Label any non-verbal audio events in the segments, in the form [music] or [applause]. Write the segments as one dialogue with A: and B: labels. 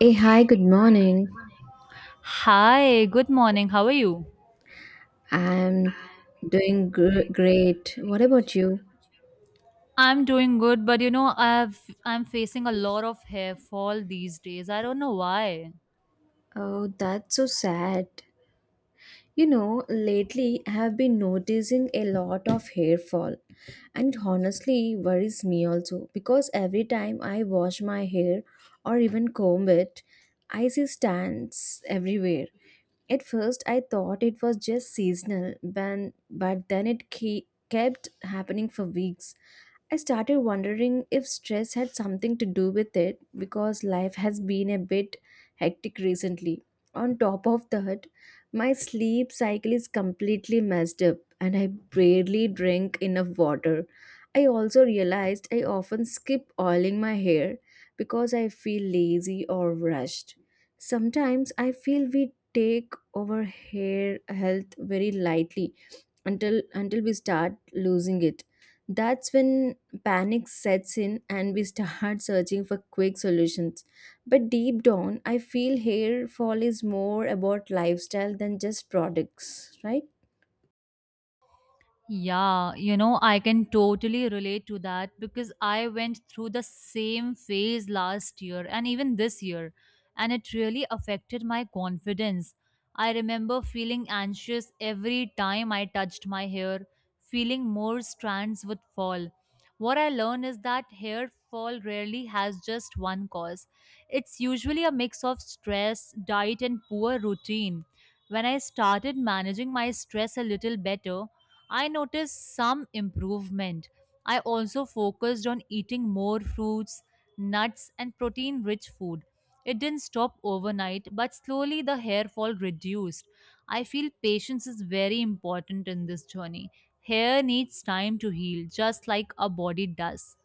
A: Hey, hi, good morning.
B: Hi, good morning. How are you?
A: I'm doing great. What about you?
B: I'm doing good, but you know, I'm facing a lot of hair fall these days. I don't know why.
A: Oh, that's so sad. You know, lately I have been noticing a lot of hair fall, and it honestly worries me also because every time I wash my hair or even comb it, I see stands everywhere. At first, I thought it was just seasonal, but, then it kept happening for weeks. I started wondering if stress had something to do with it because life has been a bit hectic recently. On top of that, my sleep cycle is completely messed up and I barely drink enough water. I also realized I often skip oiling my hair because I feel lazy or rushed. Sometimes I feel we take our hair health very lightly until we start losing it. That's when panic sets in and we start [laughs] searching for quick solutions. But deep down, I feel hair fall is more about lifestyle than just products, right?
B: Yeah, you know, I can totally relate to that because I went through the same phase last year and even this year, and it really affected my confidence. I remember feeling anxious every time I touched my hair, feeling more strands would fall. What I learned is that hair fall rarely has just one cause. It's usually a mix of stress, diet, and poor routine. When I started managing my stress a little better, I noticed some improvement. I also focused on eating more fruits, nuts, and protein rich food. It didn't stop overnight, but slowly the hair fall reduced. I feel patience is very important in this journey. Hair needs time to heal, just like a body does.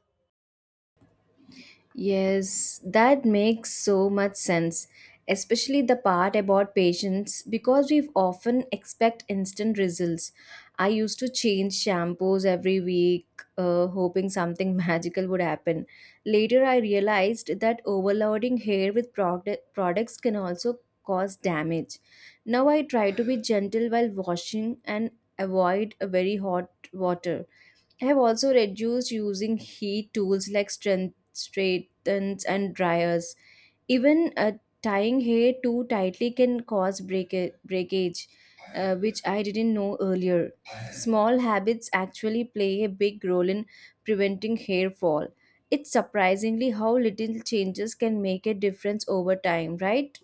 A: Yes, that makes so much sense, especially the part about patience because we often expect instant results. I used to change shampoos every week, hoping something [laughs] magical would happen. Later, I realized that overloading hair with products can also cause damage. Now, I try to be gentle while washing and avoid a very hot water. I have also reduced using heat tools like strength, straightens and dryers. Even Tying hair too tightly can cause breakage, which I didn't know earlier. Small habits actually play a big role in preventing hair fall. It's surprisingly how little changes can make a difference over time, right?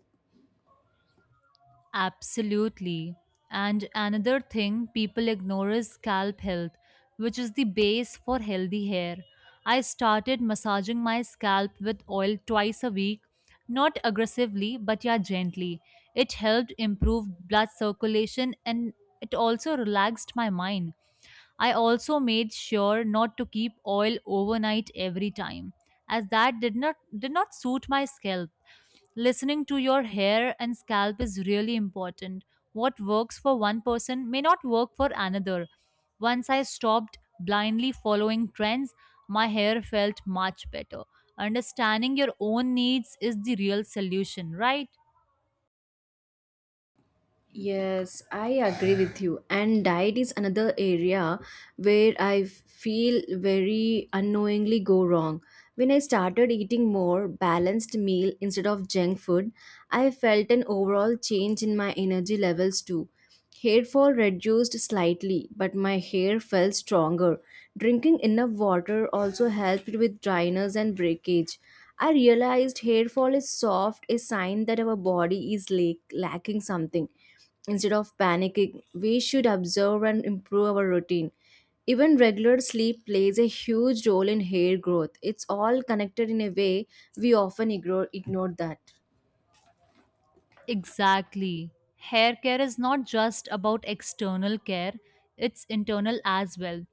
B: Absolutely. And another thing people ignore is scalp health, which is the base for healthy hair. I started massaging my scalp with oil twice a week, not aggressively, but yeah, gently. It helped improve blood circulation and it also relaxed my mind. I also made sure not to keep oil overnight every time, as that did not suit my scalp. Listening to your hair and scalp is really important. What works for one person may not work for another. Once I stopped blindly following trends, my hair felt much better. Understanding your own needs is the real solution, right?
A: Yes, I agree with you. And diet is another area where I feel very unknowingly go wrong. When I started eating more balanced meal instead of junk food, I felt an overall change in my energy levels too. Hair fall reduced slightly, but my hair felt stronger. Drinking enough water also helped with dryness and breakage. I realized hair fall is soft, a sign that our body is lacking something. Instead of panicking, we should observe and improve our routine. Even regular sleep plays a huge role in hair growth. It's all connected in a way we often ignore that.
B: Exactly. Hair care is not just about external care, it's internal as well.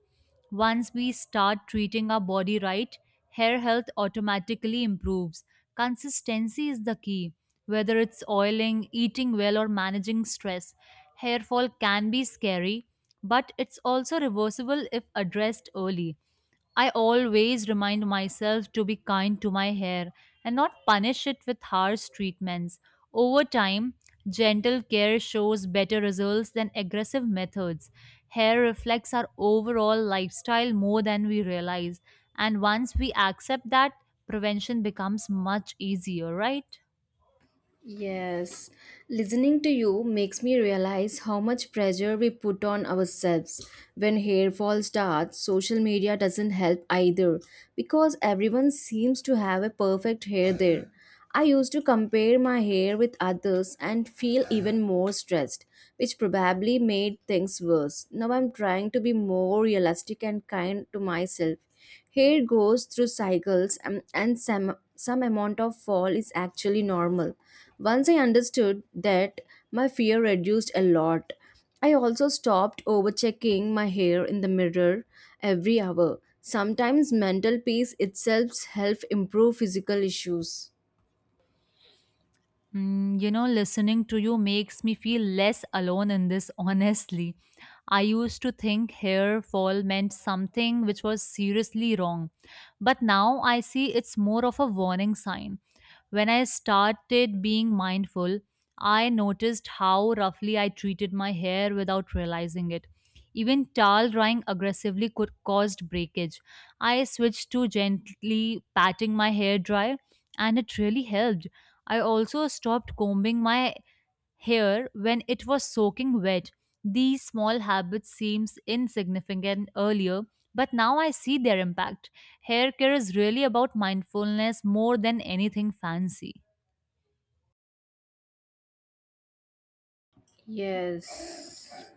B: Once we start treating our body right, hair health automatically improves. Consistency is the key. Whether it's oiling, eating well, or managing stress, hair fall can be scary, but it's also reversible if addressed early. I always remind myself to be kind to my hair and not punish it with harsh treatments. Over time, gentle care shows better results than aggressive methods. Hair reflects our overall lifestyle more than we realize, and once we accept that, prevention becomes much easier, right?
A: Yes, listening to you makes me realize how much pressure we put on ourselves. When hair fall starts, social media doesn't help either because everyone seems to have a perfect hair there. I used to compare my hair with others and feel even more stressed, which probably made things worse. Now I'm trying to be more realistic and kind to myself. Hair goes through cycles and some amount of fall is actually normal. Once I understood that, my fear reduced a lot. I also stopped overchecking my hair in the mirror every hour. Sometimes mental peace itself helps improve physical issues.
B: Mm, you know, listening to you makes me feel less alone in this, [laughs] honestly. I used to think hair fall meant something which was seriously wrong, but now I see it's more of a warning sign. When I started being mindful, I noticed how roughly I treated my hair without realizing it. Even towel drying aggressively could caused breakage. I switched to gently patting my hair dry and it really helped. I also stopped combing my hair when it was soaking wet. These small habits seems insignificant earlier, but now I see their impact. Hair care is really about mindfulness more than anything fancy.
A: Yes.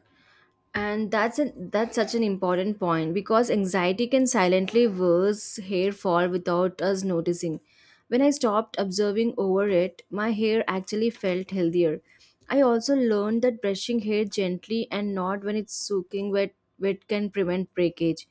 A: And that's such an important point because anxiety can silently worse hair fall without us noticing. When I stopped observing over it, my hair actually felt healthier. I also learned that brushing hair gently and not when it's soaking wet can prevent breakage.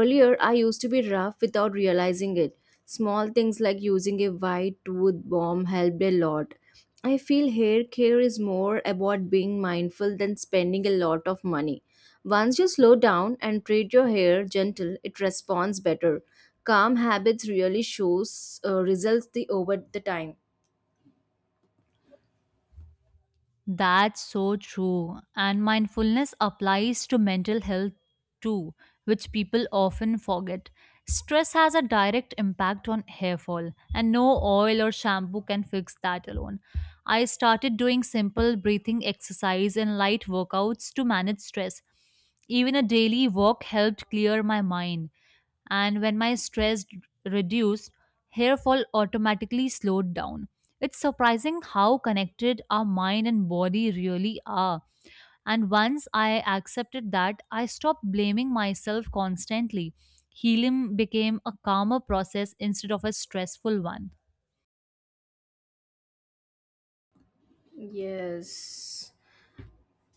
A: Earlier I used to be rough without realizing it. Small things like using a white tooth balm helped a lot. I feel hair care is more about being mindful than spending a lot of money. Once you slow down and treat your hair gentle, it responds better. Calm habits really shows results the over the time.
B: That's so true. And mindfulness applies to mental health too, which people often forget. Stress has a direct impact on hair fall, and no oil or shampoo can fix that alone. I started doing simple breathing exercise and light workouts to manage stress. Even a daily walk helped clear my mind and when my stress reduced, hair fall automatically slowed down. It's surprising how connected our mind and body really are. And once I accepted that, I stopped blaming myself constantly. Healing became a calmer process instead of a stressful one.
A: Yes.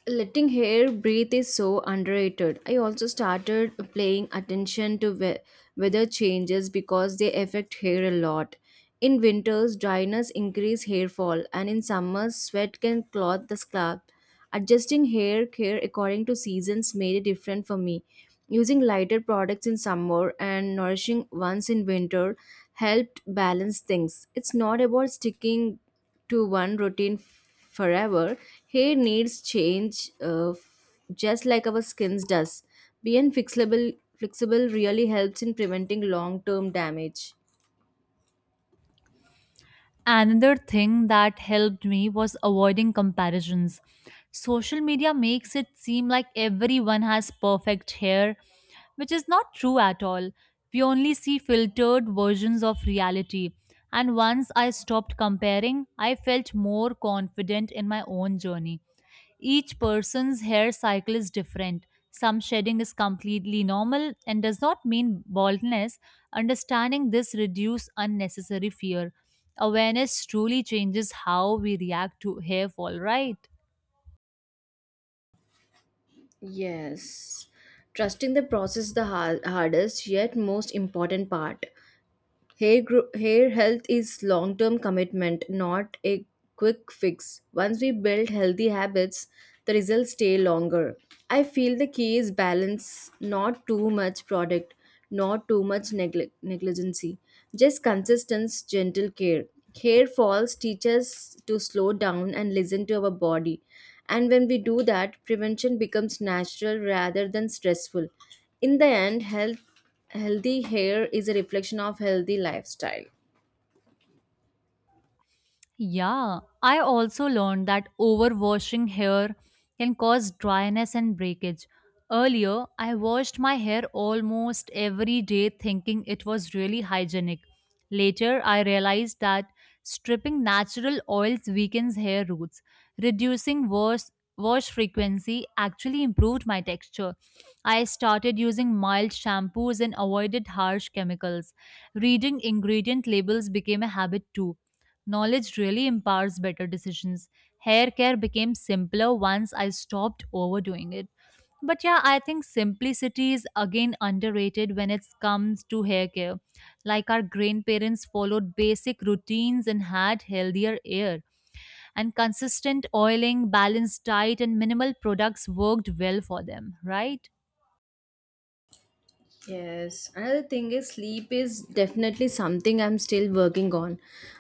A: Letting hair breathe is so underrated. I also started paying attention to weather changes because they affect hair a lot. In winters dryness increase hair fall, and in summers sweat can clog the scalp. Adjusting hair care according to seasons made it different for me. Using lighter products in summer and nourishing ones in winter helped balance things. It's not about sticking to one routine forever. Hair needs change, just like our skins does. Being flexible really helps in preventing long term damage.
B: Another thing that helped me was avoiding comparisons. Social media makes it seem like everyone has perfect hair, which is not true at all. We only see filtered versions of reality. And once I stopped comparing, I felt more confident in my own journey. Each person's hair cycle is different. Some shedding is completely normal and does not mean baldness. Understanding this reduces unnecessary fear. Awareness truly changes how we react to hairfall, right?
A: Yes. Trusting the process is the hardest yet most important part. Hair health is long term commitment, not a quick fix. Once we build healthy habits, the results stay longer. I feel the key is balance, not too much product, not too much negligency, just consistent, gentle care. Hair falls teach us to slow down and listen to our body. And when we do that, prevention becomes natural rather than stressful. In the end, healthy hair is a reflection of healthy lifestyle.
B: Yeah, I also learned that overwashing hair can cause dryness and breakage. Earlier, I washed my hair almost every day thinking it was really hygienic. Later, I realized that stripping natural oils weakens hair roots. Reducing wash frequency actually improved my texture. I started using mild shampoos and avoided harsh chemicals. Reading ingredient labels became a habit too. Knowledge really empowers better decisions. Hair care became simpler once I stopped overdoing it. But yeah, I think simplicity is again underrated when it comes to hair care. Like our grandparents followed basic routines and had healthier hair. And consistent oiling, balanced diet, and minimal products worked well for them, right?
A: Yes, another thing is sleep is definitely something I'm still working on,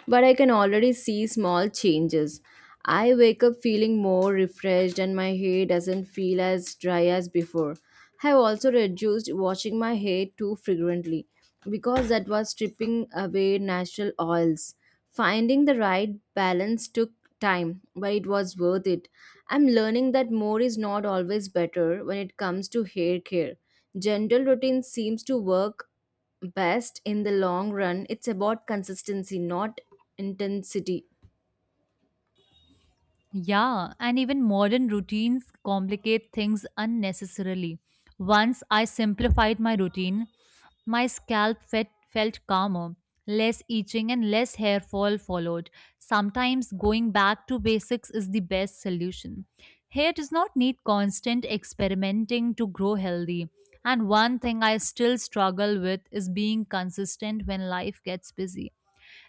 A: but I can already see small changes. I wake up feeling more refreshed and my hair doesn't feel as dry as before. I've also reduced washing my hair too frequently because that was stripping away natural oils. Finding the right balance took time, but it was worth it. I'm learning that more is not always better when it comes to hair care. Gentle routine seems to work best in the long run. It's about consistency, not intensity.
B: Yeah, and even modern routines complicate things unnecessarily. Once I simplified my routine, my felt calmer, less itching, and less hair fall followed. Sometimes going back to basics is the best solution. Hair does not need constant experimenting to grow healthy. And one thing I still struggle with is being consistent when life gets busy.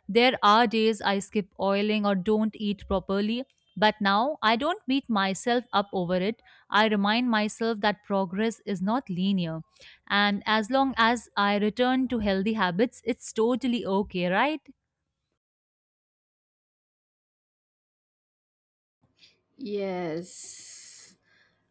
B: There are days I skip oiling or don't eat properly, but now I don't beat myself up over it. I remind myself that progress is not linear. And as long as I return to healthy habits, it's totally okay, right?
A: Yes.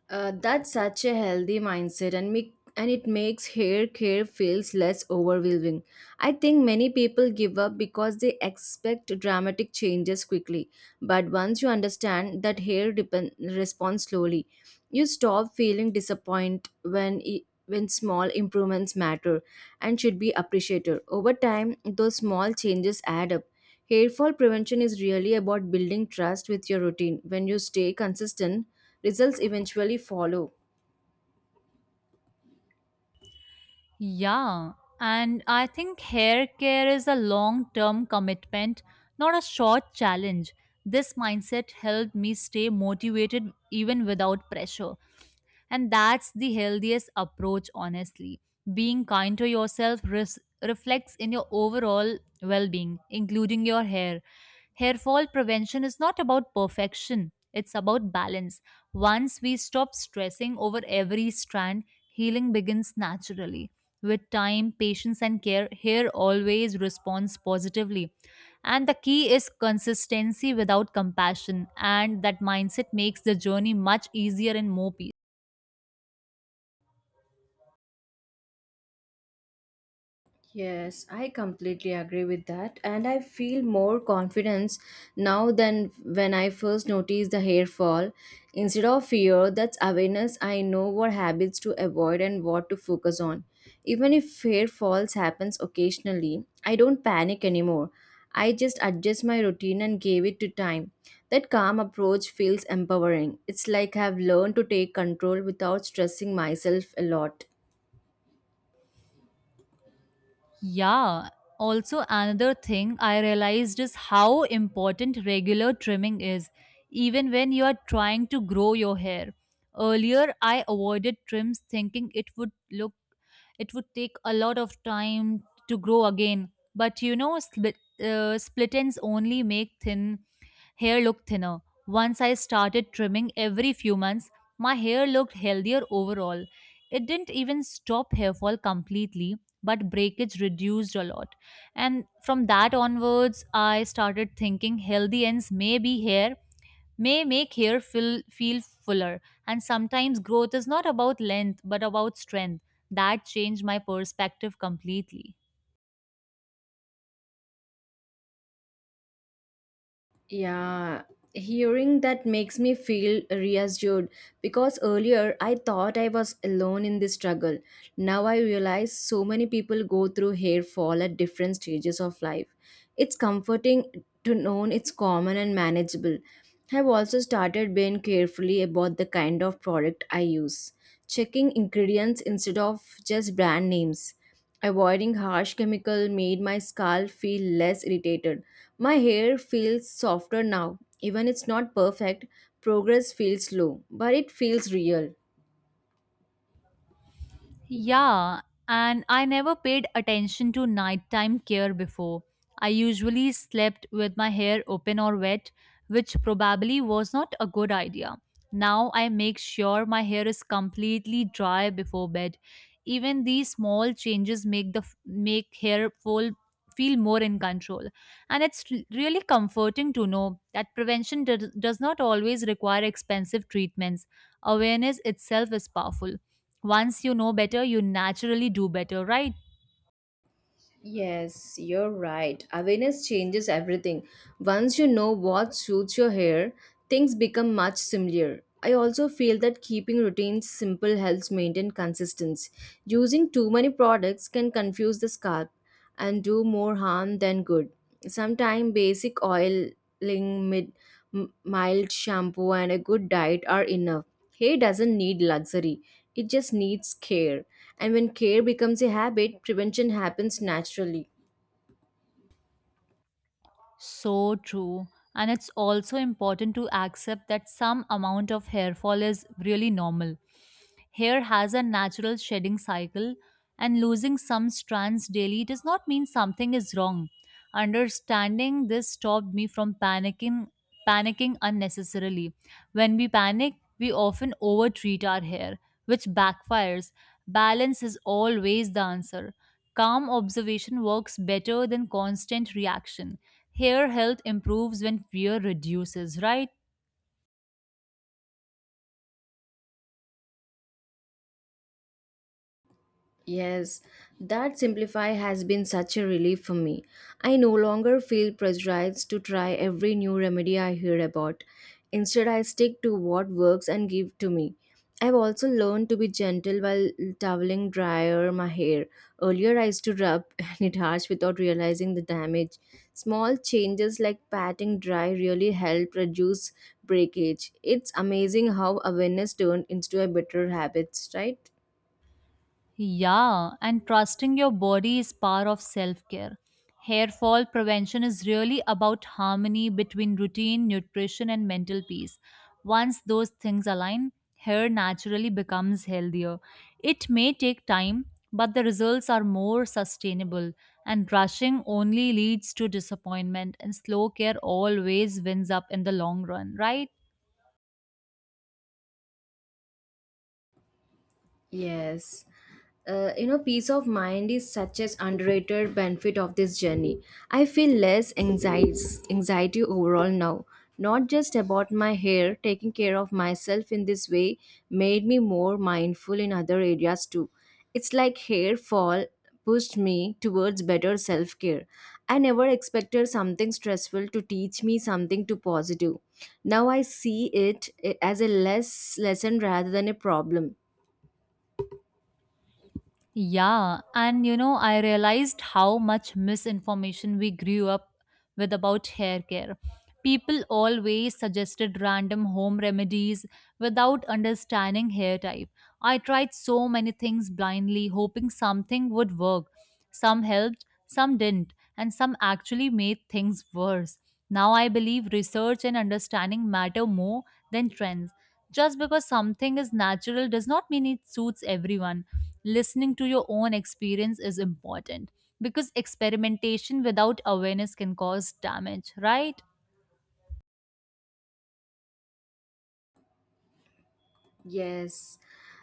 A: That's such a healthy mindset and it makes hair care feels less overwhelming. I think many people give up because they expect dramatic changes quickly. But once you understand that responds slowly, you stop feeling disappointed when small improvements matter and should be appreciated. Over time, those small changes add up. Hair fall prevention is really about building trust with your routine. When you stay consistent, results eventually follow.
B: Yeah, and I think hair care is a long term commitment, not a short challenge. This mindset helped me stay motivated even without pressure. And that's the healthiest approach, honestly. Being kind to reflects in your overall well being, including your hair. Hair fall prevention is not about perfection, it's about balance. Once we stop stressing over every strand, healing begins naturally. With time, patience, and care, hair always responds positively. And the key is consistency without compassion, and that mindset makes the journey much easier and more peaceful.
A: Yes, I completely agree with that. And I feel more confidence now than when I first noticed the hair fall. Instead of fear, that's awareness. I know what habits to avoid and what to focus on. Even if hair falls happens occasionally, I don't panic anymore. I just adjust my routine and give it to time. That calm approach feels empowering. It's like I've learned to take control without stressing myself a lot.
B: Yeah. Also, another thing I realized is how important regular trimming is, even when you are trying to grow your hair. Earlier, I avoided trims thinking it would look, it would take a lot of time to grow again. But you know, split ends only make thin Hair looked thinner. Once I started trimming every few months, my hair looked healthier overall. It didn't even stop hair fall completely, but breakage reduced a lot. And from that onwards, I started thinking healthy ends may be hair, may make hair feel fuller. And sometimes growth is not about length, but about strength. That changed my perspective completely.
A: Yeah, hearing that makes me feel reassured because earlier I thought I was alone in this struggle. Now I realize so many people go through hair fall at different stages of life. It's comforting to know it's common and manageable. I've also started being carefully about the kind of product I use, checking ingredients instead of just brand names. Avoiding harsh chemical made my scalp feel less irritated. My hair feels softer now. Even it's not perfect, progress feels slow, but it feels real.
B: Yeah, and I never paid attention to nighttime care before. I usually slept with my hair open or wet, which probably was not a good idea. Now I make sure my hair is completely dry before bed. Even these small changes make hair fall feel more in control. And it's really comforting to know that prevention does not always require expensive treatments. Awareness itself is powerful. Once you know better, you naturally do better, right?
A: Yes, you're right. Awareness changes everything. Once you know what suits your hair, things become much simpler. I also feel that keeping routines simple helps maintain consistency. Using too many products can confuse the scalp and do more harm than good. Sometimes basic oiling, mid, mild shampoo, and a good diet are enough. Hair doesn't need luxury, it just needs care. And when care becomes a habit, prevention happens naturally.
B: So true. And it's also important to accept that some amount of hair fall is really normal. Hair has a natural shedding cycle, and losing some strands daily does not mean something is wrong. Understanding this stopped me from panicking unnecessarily. When we panic, we often overtreat our hair, which backfires. Balance is always the answer. Calm observation works better than constant reaction. Hair health improves when fear reduces, right?
A: Yes, that Simplify has been such a relief for me. I no longer feel pressurized to try every new remedy I hear about. Instead, I stick to what works and give to me. I've also learned to be gentle while toweling dryer my hair. Earlier, I used to rub [laughs] and it harsh without realizing the damage. Small changes like patting dry really help reduce breakage. It's amazing how awareness turned into a better habits, right?
B: Yeah, and trusting your body is part of self care. Hair fall prevention is really about harmony between routine, nutrition, and mental peace. Once those things align, hair naturally becomes healthier. It may take time, but the results are more sustainable, and rushing only leads to disappointment, and slow care always wins up in the long run, right?
A: Yes. You know, peace of mind is such an underrated benefit of this journey. I feel less anxiety overall now. Not just about my hair, taking care of myself in this way made me more mindful in other areas too. It's like hair fall pushed me towards better self care. I never expected something stressful to teach me something to positive. Now I see it as a less lesson rather than a problem.
B: Yeah, and you know, I realized how much misinformation we grew up with about hair care. People always suggested random home remedies without understanding hair type. I tried so many things blindly, hoping something would work, some helped, some didn't, and some actually made things worse. Now I believe research and understanding matter more than trends. Just because something is natural does not mean it suits everyone. Listening to your own experience is important because experimentation without awareness can cause damage, right?
A: Yes,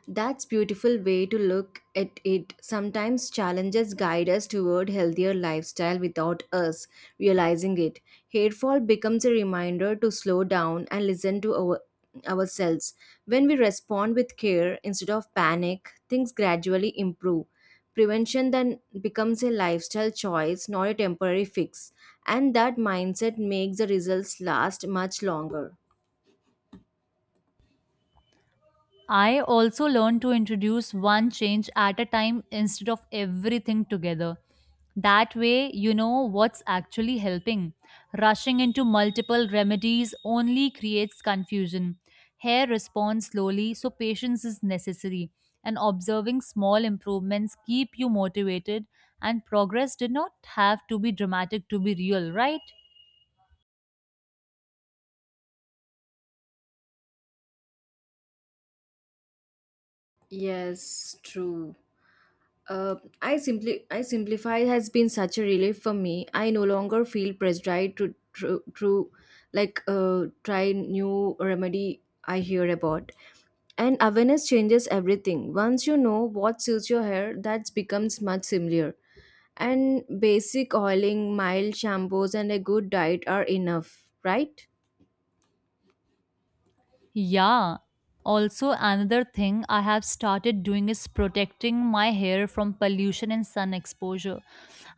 A: that's beautiful way to look at it. Sometimes challenges guide us toward healthier lifestyle without us realizing it. Hairfall becomes a reminder to slow down and listen to our ourselves. When we respond with care instead of panic, things gradually improve. Prevention then becomes a lifestyle choice, not a temporary fix, and that mindset makes the results last much longer.
B: I also learned to introduce one change at a time instead of everything together. That way, you know what's actually helping. Rushing into multiple remedies only creates confusion. Hair responds slowly, so patience is necessary. And observing small improvements keep you motivated, and progress did not have to be dramatic to be real, right?
A: Yes, true. Uh, I simplify has been such a relief for me. I no longer feel pressured to try new remedy I hear about. And awareness changes everything. Once you know what suits your hair, that becomes much simpler. And basic oiling, mild shampoos, and a good diet are enough, right?
B: Yeah. Also, another thing I have started doing is protecting my hair from pollution and sun exposure.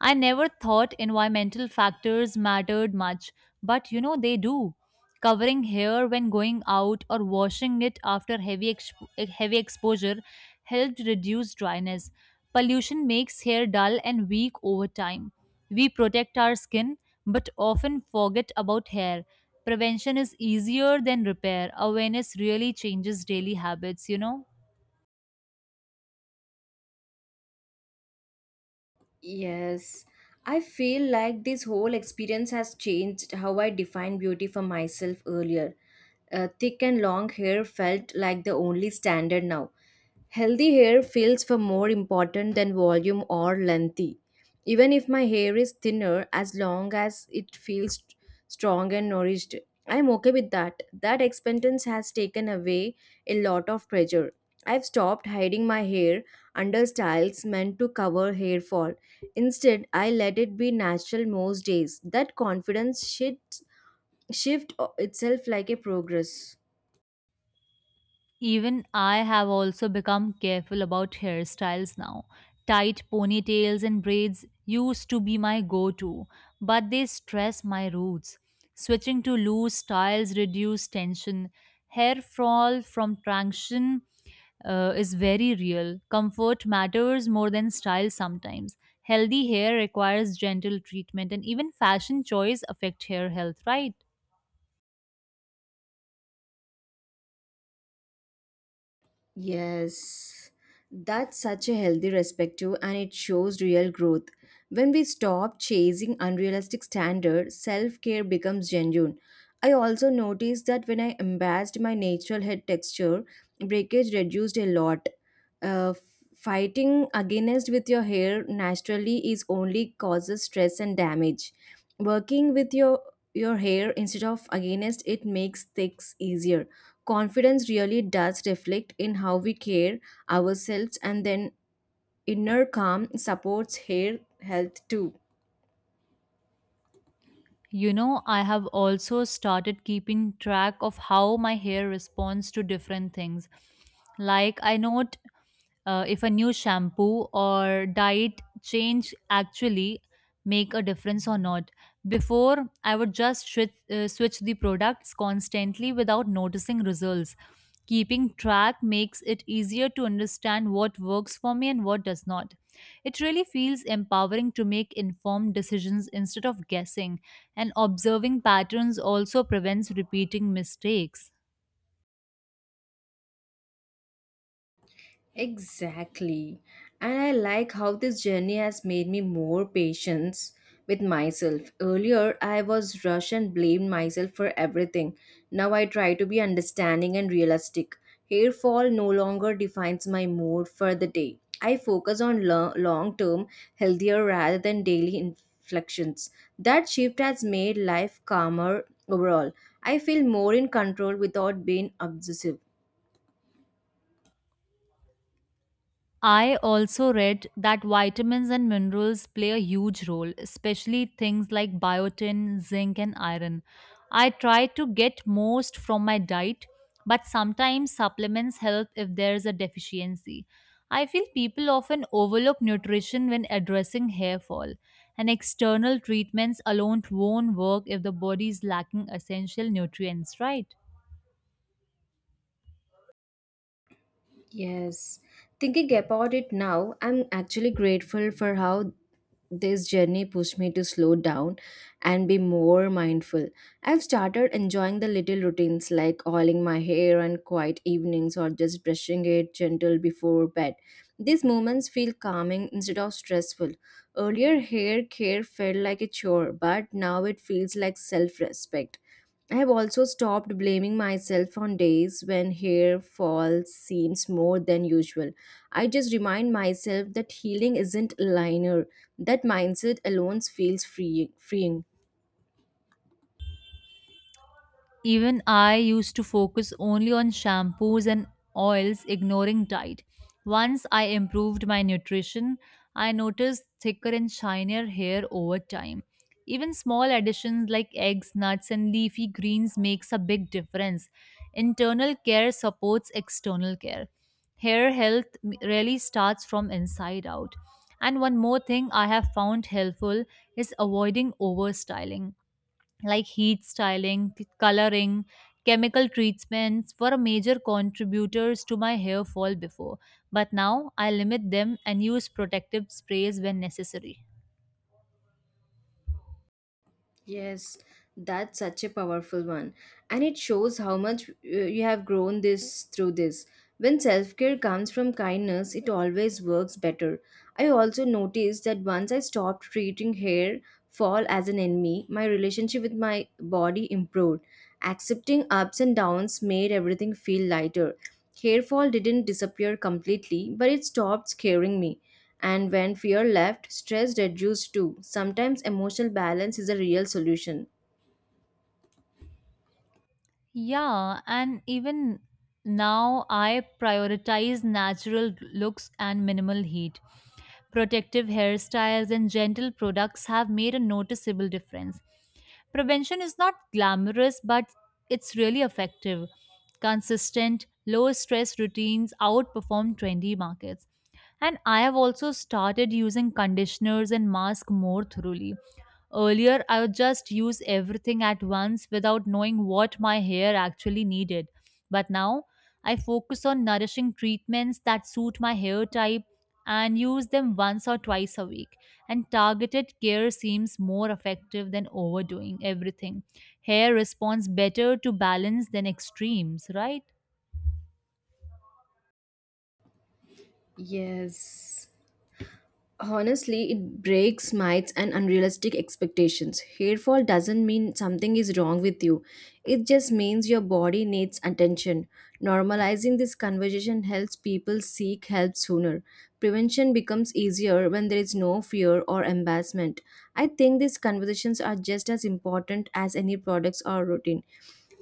B: I never thought environmental factors mattered much, but you know they do. Covering hair when going out or washing it after heavy exposure helped reduce dryness. Pollution makes hair dull and weak over time. We protect our skin but often forget about hair. Prevention is easier than repair. Awareness really changes daily habits, you know?
A: Yes, I feel like this whole experience has changed how I defined beauty for myself earlier. Thick and long hair felt like the only standard now, healthy hair feels far more important than volume or lengthy. Even if my hair is thinner, as long as it feels strong and nourished, I am okay with that. That expectance has taken away a lot of pressure. I've stopped hiding my hair under styles meant to cover hair fall. Instead, I let it be natural most days. That confidence should shift itself like a progress.
B: Even I have also become careful about hairstyles now. Tight ponytails and braids used to be my go to, but they stress my roots. Switching to loose styles reduce tension. Hair fall from traction is very real. Comfort matters more than style sometimes. Healthy hair requires gentle treatment, and even fashion choice affect hair health, right?
A: Yes, that's such a healthy perspective and it shows real growth. When we stop chasing unrealistic standards, self care becomes genuine. I also noticed that when I embraced my natural head texture, breakage reduced a lot. Uh, Fighting against with your hair naturally is only causes stress and damage. Working with your hair instead of against it makes things easier. Confidence really does reflect in how we care ourselves, and then inner calm supports hair health too.
B: You know, I have also started keeping track of how my hair responds to different things. Like, I note if a new shampoo or diet change actually make a difference or not. Before, I would just switch the products constantly without noticing results. Keeping track makes it easier to understand what works for me and what does not. It really feels empowering to make informed decisions instead of guessing, and observing patterns also prevents repeating mistakes.
A: Exactly. And I like how this journey has made me more patient with myself. Earlier, I was rushed and blamed myself for everything. Now I try to be understanding and realistic. Hair fall no longer defines my mood for the day. I focus on long term, healthier rather than daily inflections. That shift has made life calmer overall. I feel more in control without being obsessive.
B: I also read that vitamins and minerals play a huge role, especially things like biotin, zinc, and iron. I try to get most from my diet, but sometimes supplements help if there's a deficiency. I feel people often overlook nutrition when addressing hair fall, and external treatments alone won't work if the body is lacking essential nutrients, right?
A: Yes. Thinking about it now, I'm actually grateful for how this journey pushed me to slow down and be more mindful. I've started enjoying the little routines like oiling my hair on quiet evenings or just brushing it gentle before bed. These moments feel calming instead of stressful. Earlier, hair care felt like a chore, but now it feels like self respect. I have also stopped blaming myself on days when hair fall seems more than usual. I just remind myself that healing isn't linear. That mindset alone feels freeing.
B: Even I used to focus only on shampoos and oils, ignoring diet. Once I improved my nutrition, I noticed thicker and shinier hair over time. Even small additions like eggs, nuts, and leafy greens makes a big difference. Internal care supports external care. Hair health really starts from inside out. And one more thing I have found helpful is avoiding overstyling like heat styling, coloring, chemical treatments were major contributors to my hair fall before. But now I limit them and use protective sprays when necessary.
A: Yes, that's such a powerful one. And it shows how much you have grown this through this. When self care comes from kindness, it always works better. I also noticed that once I stopped treating hair fall as an enemy, my relationship with my body improved. Accepting ups and downs made everything feel lighter. Hair fall didn't disappear completely, but it stopped scaring me. And when fear left, stress reduced too. Sometimes emotional balance is a real solution.
B: Yeah, and even now I prioritize natural looks and minimal heat. Protective hairstyles and gentle products have made a noticeable difference. Prevention is not glamorous, but it's really effective. Consistent, low stress routines outperform trendy markets. And I have also started using conditioners and masks more thoroughly. Earlier, I would just use everything at once without knowing what my hair actually needed. But now I focus on nourishing treatments that suit my hair type and use them once or twice a week. And targeted care seems more effective than overdoing everything. Hair responds better to balance than extremes, right?
A: Yes. Honestly, it breaks myths and unrealistic expectations. Hairfall doesn't mean something is wrong with you, it just means your body needs attention. Normalizing this conversation helps people seek help sooner. Prevention becomes easier when there is no fear or embarrassment. I think these conversations are just as important as any products or routine.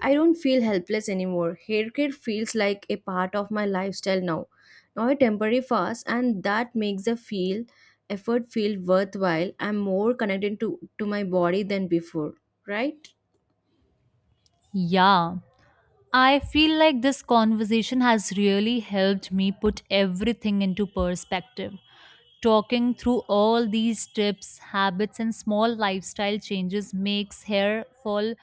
A: I don't feel helpless anymore. Hair care feels like a part of my lifestyle now. Now a temporary fast and that makes the feel effort feel worthwhile. I'm more connected to my body than before, right?
B: Yeah. I feel like this conversation has really helped me put everything into perspective. Talking through all these tips, habits, and small lifestyle changes makes hair fall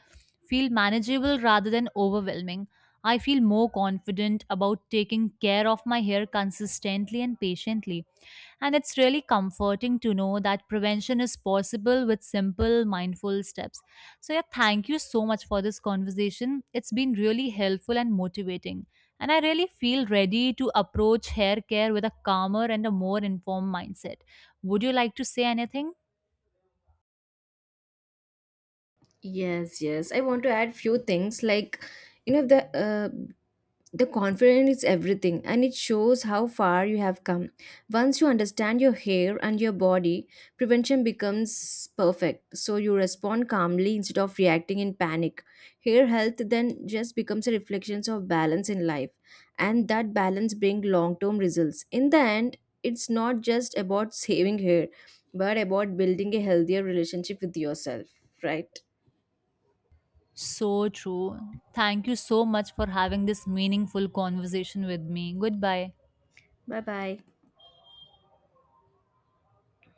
B: feel manageable rather than overwhelming. I feel more confident about taking care of my hair consistently and patiently. And it's really comforting to know that prevention is possible with simple, mindful steps. So, yeah, thank you so much for this conversation. It's been really helpful and motivating. And I really feel ready to approach hair care with a calmer and a more informed mindset. Would you like to say anything?
A: Yes, yes. I want to add few things like you know the uh, The confidence is everything and it shows how far you have come. Once you understand your hair and your body, prevention becomes perfect. So you respond calmly instead of reacting in panic. Hair health then just becomes a reflection of balance in life and that balance brings long-term results. In the end, it's not just about saving hair but about building a healthier relationship with yourself, right?
B: So true. Thank you so much for having this meaningful conversation with me. Goodbye.
A: Bye-bye.